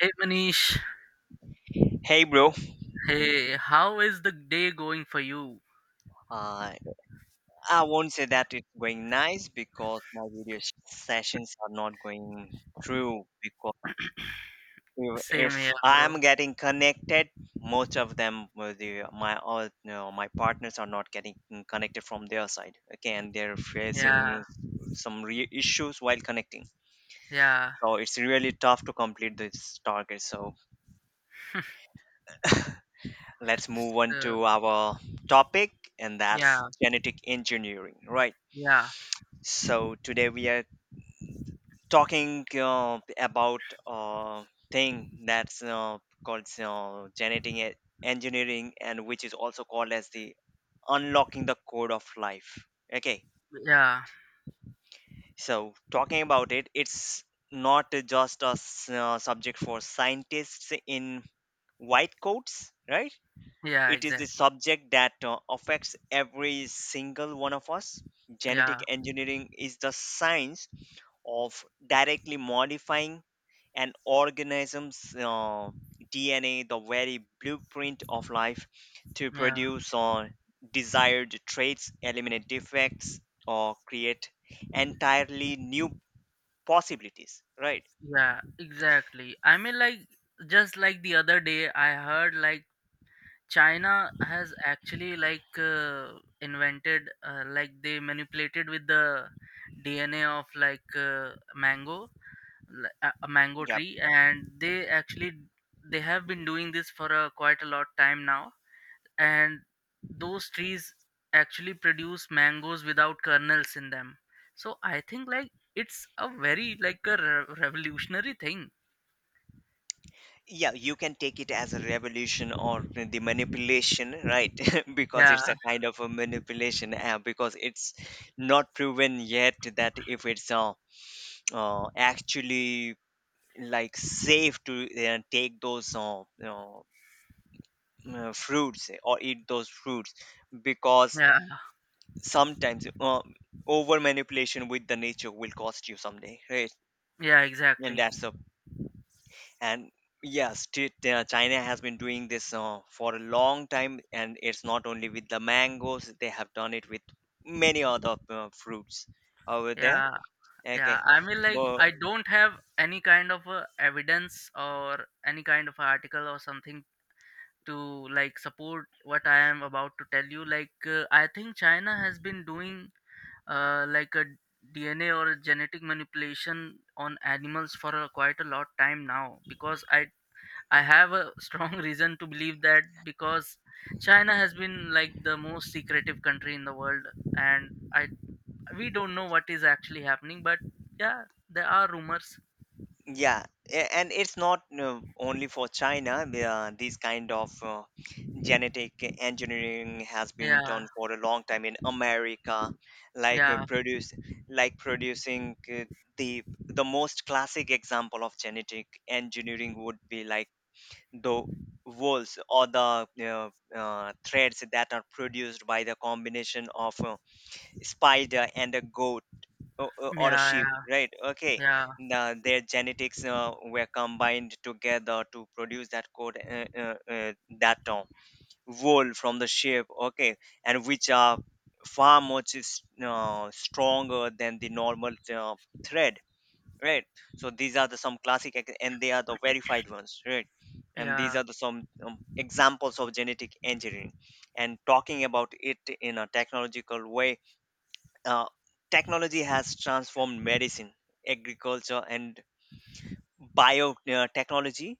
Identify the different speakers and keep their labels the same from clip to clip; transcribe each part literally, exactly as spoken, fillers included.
Speaker 1: Hey Manish,
Speaker 2: Hey bro.
Speaker 1: hey, how is the day going for you?
Speaker 2: uh, I won't say that it's going nice because my video sh- sessions are not going through because if
Speaker 1: Same
Speaker 2: if
Speaker 1: here, bro.
Speaker 2: I'm getting connected, most of them with the, my all no, my partners are not getting connected from their side. Okay, and they're
Speaker 1: Yeah,
Speaker 2: facing some re- issues while connecting.
Speaker 1: yeah.
Speaker 2: So it's really tough to complete this target. So let's move on
Speaker 1: so,
Speaker 2: to our topic, and that's
Speaker 1: yeah,
Speaker 2: genetic engineering, right?
Speaker 1: yeah,
Speaker 2: So today we are talking uh, about uh, thing that's uh, called uh, genetic e- engineering, and which is also called as the unlocking the code of life. Okay,
Speaker 1: yeah,
Speaker 2: so talking about it, it's not just a s- uh, subject for scientists in white coats, right?
Speaker 1: yeah,
Speaker 2: It is the
Speaker 1: exactly.
Speaker 2: subject that uh, affects every single one of us. Genetic
Speaker 1: Yeah,
Speaker 2: engineering is the science of directly modifying an organism's uh, D N A, the very blueprint of life, to
Speaker 1: yeah,
Speaker 2: produce uh, desired traits, eliminate defects, or create entirely new possibilities, right?
Speaker 1: yeah, exactly. I mean, like, just like the other day, I heard like China has actually like uh, invented, uh, like, they manipulated with the D N A of like uh, mango li- a a mango
Speaker 2: Yeah,
Speaker 1: tree and they actually they have been doing this for a, quite a lot time now and those trees actually produce mangoes without kernels in them. So I think like it's a very like a re- revolutionary thing.
Speaker 2: yeah, you can take it as a revolution or the manipulation, right? Because
Speaker 1: Yeah,
Speaker 2: it's a kind of a manipulation, uh, because it's not proven yet that if it's uh, uh, actually like safe to uh, take those uh, you know uh, fruits, or eat those fruits, because
Speaker 1: yeah,
Speaker 2: sometimes uh, over manipulation with the nature will cost you someday, right?
Speaker 1: yeah,
Speaker 2: And
Speaker 1: exactly.
Speaker 2: that's a, and yes, t- t- uh, china has been doing this uh, for a long time, and it's not only with the mangoes, they have done it with many other uh, fruits over there.
Speaker 1: Yeah, yeah.
Speaker 2: Okay,
Speaker 1: I mean, like,
Speaker 2: but
Speaker 1: I don't have any kind of uh, evidence or any kind of article or something to like support what I am about to tell you. Like, uh, I think China has been doing uh, like a DNA or a genetic manipulation on animals for a, quite a lot time now because i i have a strong reason to believe that, because China has been like the most secretive country in the world and I, we don't know what is actually happening, but yeah, there are rumors.
Speaker 2: yeah, a- and it's not uh, only for china. Uh, these kind of uh, genetic engineering has been
Speaker 1: Yeah,
Speaker 2: done for a long time in America, like uh,
Speaker 1: yeah,
Speaker 2: produce, like producing uh, the the most classic example of genetic engineering would be like the wools or the uh, uh, threads that are produced by the combination of a spider and a goat, o- o- or a
Speaker 1: yeah,
Speaker 2: sheep, right? Okay,
Speaker 1: yeah,
Speaker 2: now their genetics uh, were combined together to produce that code uh, uh, uh, that uh, world from the ship. Okay, and which are far much is uh, stronger than the normal uh, thread, right? So these are the some classic ex- and they are the verified ones, right?
Speaker 1: yeah,
Speaker 2: And these
Speaker 1: yeah,
Speaker 2: are the some um, examples of genetic engineering. And talking about it in a technological way, uh, technology has transformed medicine, agriculture and biotechnology,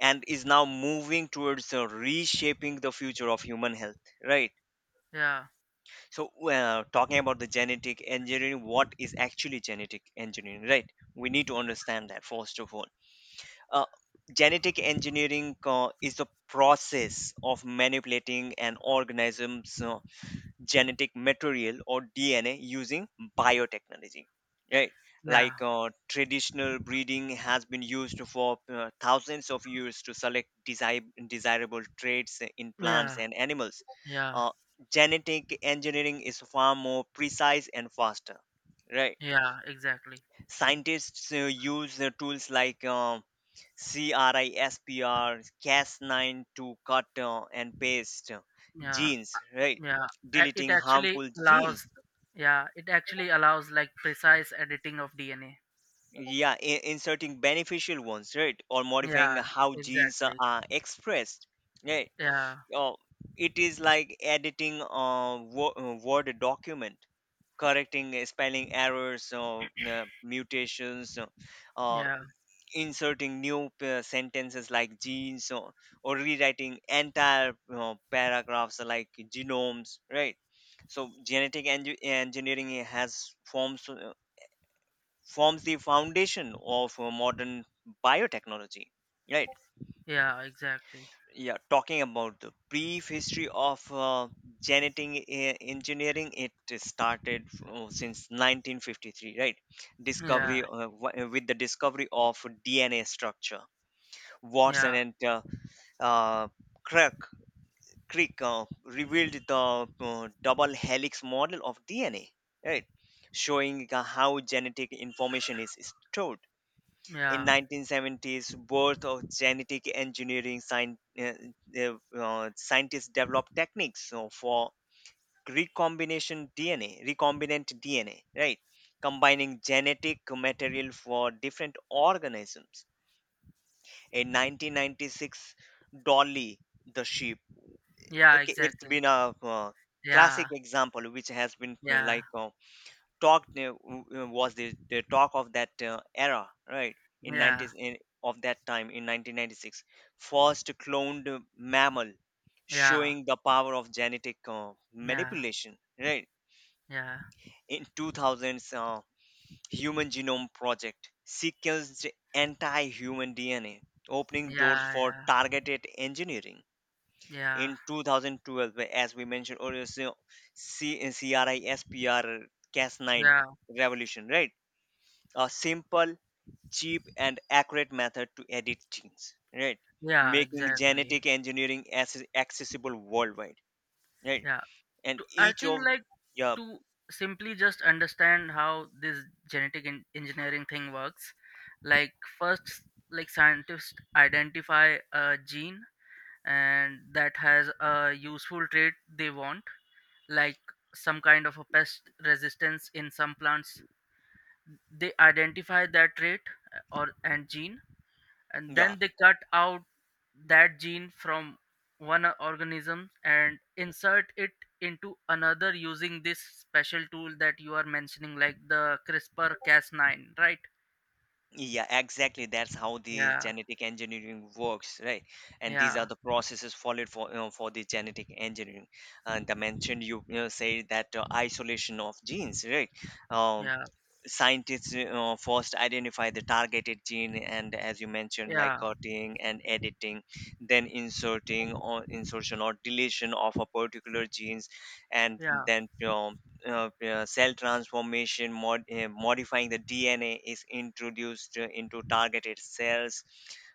Speaker 2: and is now moving towards uh, reshaping the future of human health, right?
Speaker 1: yeah,
Speaker 2: So, well, talking about the genetic engineering, what is actually genetic engineering, right? We need to understand that first of all. Uh, Genetic engineering uh, is the process of manipulating an organism's uh, genetic material or D N A using biotechnology. Right,
Speaker 1: yeah,
Speaker 2: like uh, traditional breeding has been used for uh, thousands of years to select desi- desirable traits in plants
Speaker 1: yeah,
Speaker 2: and animals.
Speaker 1: yeah.
Speaker 2: Uh, Genetic engineering is far more precise and faster, right?
Speaker 1: Yeah, exactly.
Speaker 2: Scientists uh, use uh, tools like uh, CRISPR, Cas nine to cut uh, and paste uh,
Speaker 1: Yeah,
Speaker 2: genes, right?
Speaker 1: yeah. A- It
Speaker 2: Deleting
Speaker 1: actually
Speaker 2: harmful genes.
Speaker 1: allows, yeah, it actually allows like precise editing of D N A.
Speaker 2: Yeah, i- inserting beneficial ones, right? Or modifying
Speaker 1: Yeah,
Speaker 2: how genes are
Speaker 1: exactly.
Speaker 2: are expressed, right?
Speaker 1: Yeah,
Speaker 2: Oh, it is like editing a wo- uh, Word document, correcting uh, spelling errors or uh, mutations, uh,
Speaker 1: yeah,
Speaker 2: inserting new uh, sentences like genes, or, or rewriting entire, you know, paragraphs like genomes, right? So genetic engi- engineering has forms uh, forms the foundation of uh, modern biotechnology, right?
Speaker 1: yeah, exactly.
Speaker 2: Yeah, talking about the brief history of uh, genetic e- engineering, it started fro- since nineteen fifty-three, right? Discovery
Speaker 1: Yeah,
Speaker 2: uh, wi- with the discovery of DNA structure. Watson
Speaker 1: yeah,
Speaker 2: and uh, uh, Craig, Crick uh, revealed the uh, double helix model of D N A, right? Showing uh, how genetic information is stored. In
Speaker 1: yeah,
Speaker 2: nineteen seventies, birth of genetic engineering, scien- uh, uh, uh, scientists developed techniques uh, for recombination D N A, recombinant D N A, right? Combining genetic material for different organisms. In nineteen ninety-six, Dolly the sheep.
Speaker 1: yeah,
Speaker 2: Okay, it's
Speaker 1: exactly.
Speaker 2: been a uh,
Speaker 1: Yeah,
Speaker 2: classic example which has been, you know,
Speaker 1: yeah,
Speaker 2: like uh, talked uh, w- uh, was the, the talk of that uh, era, right? In
Speaker 1: yeah,
Speaker 2: nineties in, of that time in nineteen ninety six, first cloned uh, mammal,
Speaker 1: yeah,
Speaker 2: showing the power of genetic uh,
Speaker 1: yeah,
Speaker 2: manipulation, right?
Speaker 1: yeah,
Speaker 2: In two thousands, uh, Human Genome Project sequenced anti-human D N A, opening doors
Speaker 1: yeah,
Speaker 2: for targeted engineering.
Speaker 1: yeah, yeah,
Speaker 2: In twenty twelve, as we mentioned earlier, so C- CRISPR Cas nine
Speaker 1: yeah,
Speaker 2: revolution, right? A simple, cheap, and accurate method to edit genes, right?
Speaker 1: yeah,
Speaker 2: Making
Speaker 1: exactly.
Speaker 2: genetic engineering as accessible worldwide, right?
Speaker 1: Yeah.
Speaker 2: And
Speaker 1: To, I
Speaker 2: each
Speaker 1: think
Speaker 2: of,
Speaker 1: like,
Speaker 2: yeah,
Speaker 1: to simply just understand how this genetic en- engineering thing works, like first like scientists identify a gene and that has a useful trait they want, like some kind of a pest resistance in some plants. They identify that trait, uh, or and gene, and
Speaker 2: yeah,
Speaker 1: then they cut out that gene from one o- organism and insert it into another using this special tool that you are mentioning like the crispr cas nine, right?
Speaker 2: yeah, exactly. That's how the
Speaker 1: Yeah,
Speaker 2: genetic engineering works, right? And these
Speaker 1: yeah,
Speaker 2: are the processes followed for, you know, for the genetic engineering. And I mentioned you, you know, say that uh, isolation of genes, right? Um,
Speaker 1: yeah,
Speaker 2: Scientists, you know, first identify the targeted gene, and as you mentioned like
Speaker 1: yeah,
Speaker 2: cutting and editing, then inserting, or insertion or deletion of a particular genes, and
Speaker 1: yeah,
Speaker 2: then, you know, uh, uh, cell transformation mod, uh, modifying the dna is introduced uh, into targeted cells,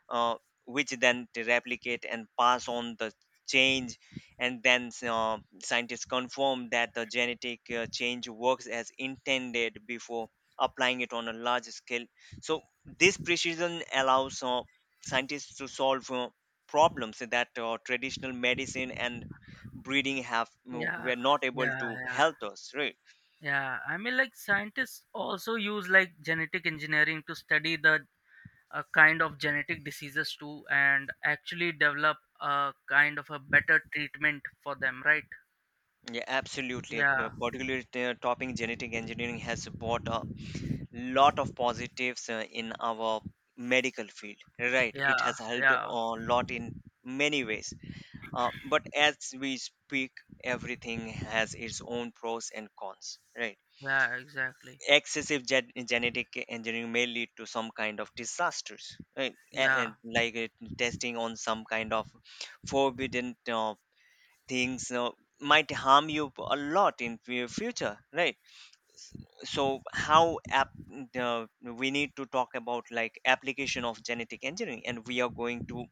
Speaker 2: uh, which then they replicate and pass on the change. And then uh, scientists confirm that the genetic uh, change works as intended before applying it on a large scale. So this precision allows uh, scientists to solve uh, problems that uh, traditional medicine and breeding have mm,
Speaker 1: yeah,
Speaker 2: were not able
Speaker 1: yeah,
Speaker 2: to
Speaker 1: yeah,
Speaker 2: help us, right?
Speaker 1: yeah. I mean, like, scientists also use like genetic engineering to study the a kind of genetic diseases too and actually develop a kind of a better treatment for them, right?
Speaker 2: Yeah, absolutely. Uh,
Speaker 1: Yeah.
Speaker 2: particularly uh, topping genetic engineering has brought a lot of positives uh, in our medical field, right? It
Speaker 1: Yeah,
Speaker 2: has helped
Speaker 1: yeah,
Speaker 2: a lot in many ways. Uh, but as we speak, everything has its own pros and cons, right?
Speaker 1: yeah, exactly.
Speaker 2: Excessive gen- genetic engineering may lead to some kind of disasters, right? A-
Speaker 1: Yeah.
Speaker 2: and like, uh, testing on some kind of forbidden uh, things uh, might harm you a lot in fu- future, right? So how app, uh, we need to talk about like application of genetic engineering, and we are going to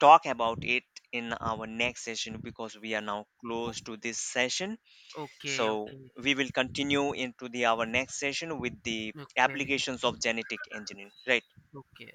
Speaker 2: talk about it in our next session because we are now close to this session.
Speaker 1: Okay,
Speaker 2: So
Speaker 1: okay,
Speaker 2: we will continue into the our next session with the
Speaker 1: okay,
Speaker 2: applications of genetic engineering, right?
Speaker 1: okay.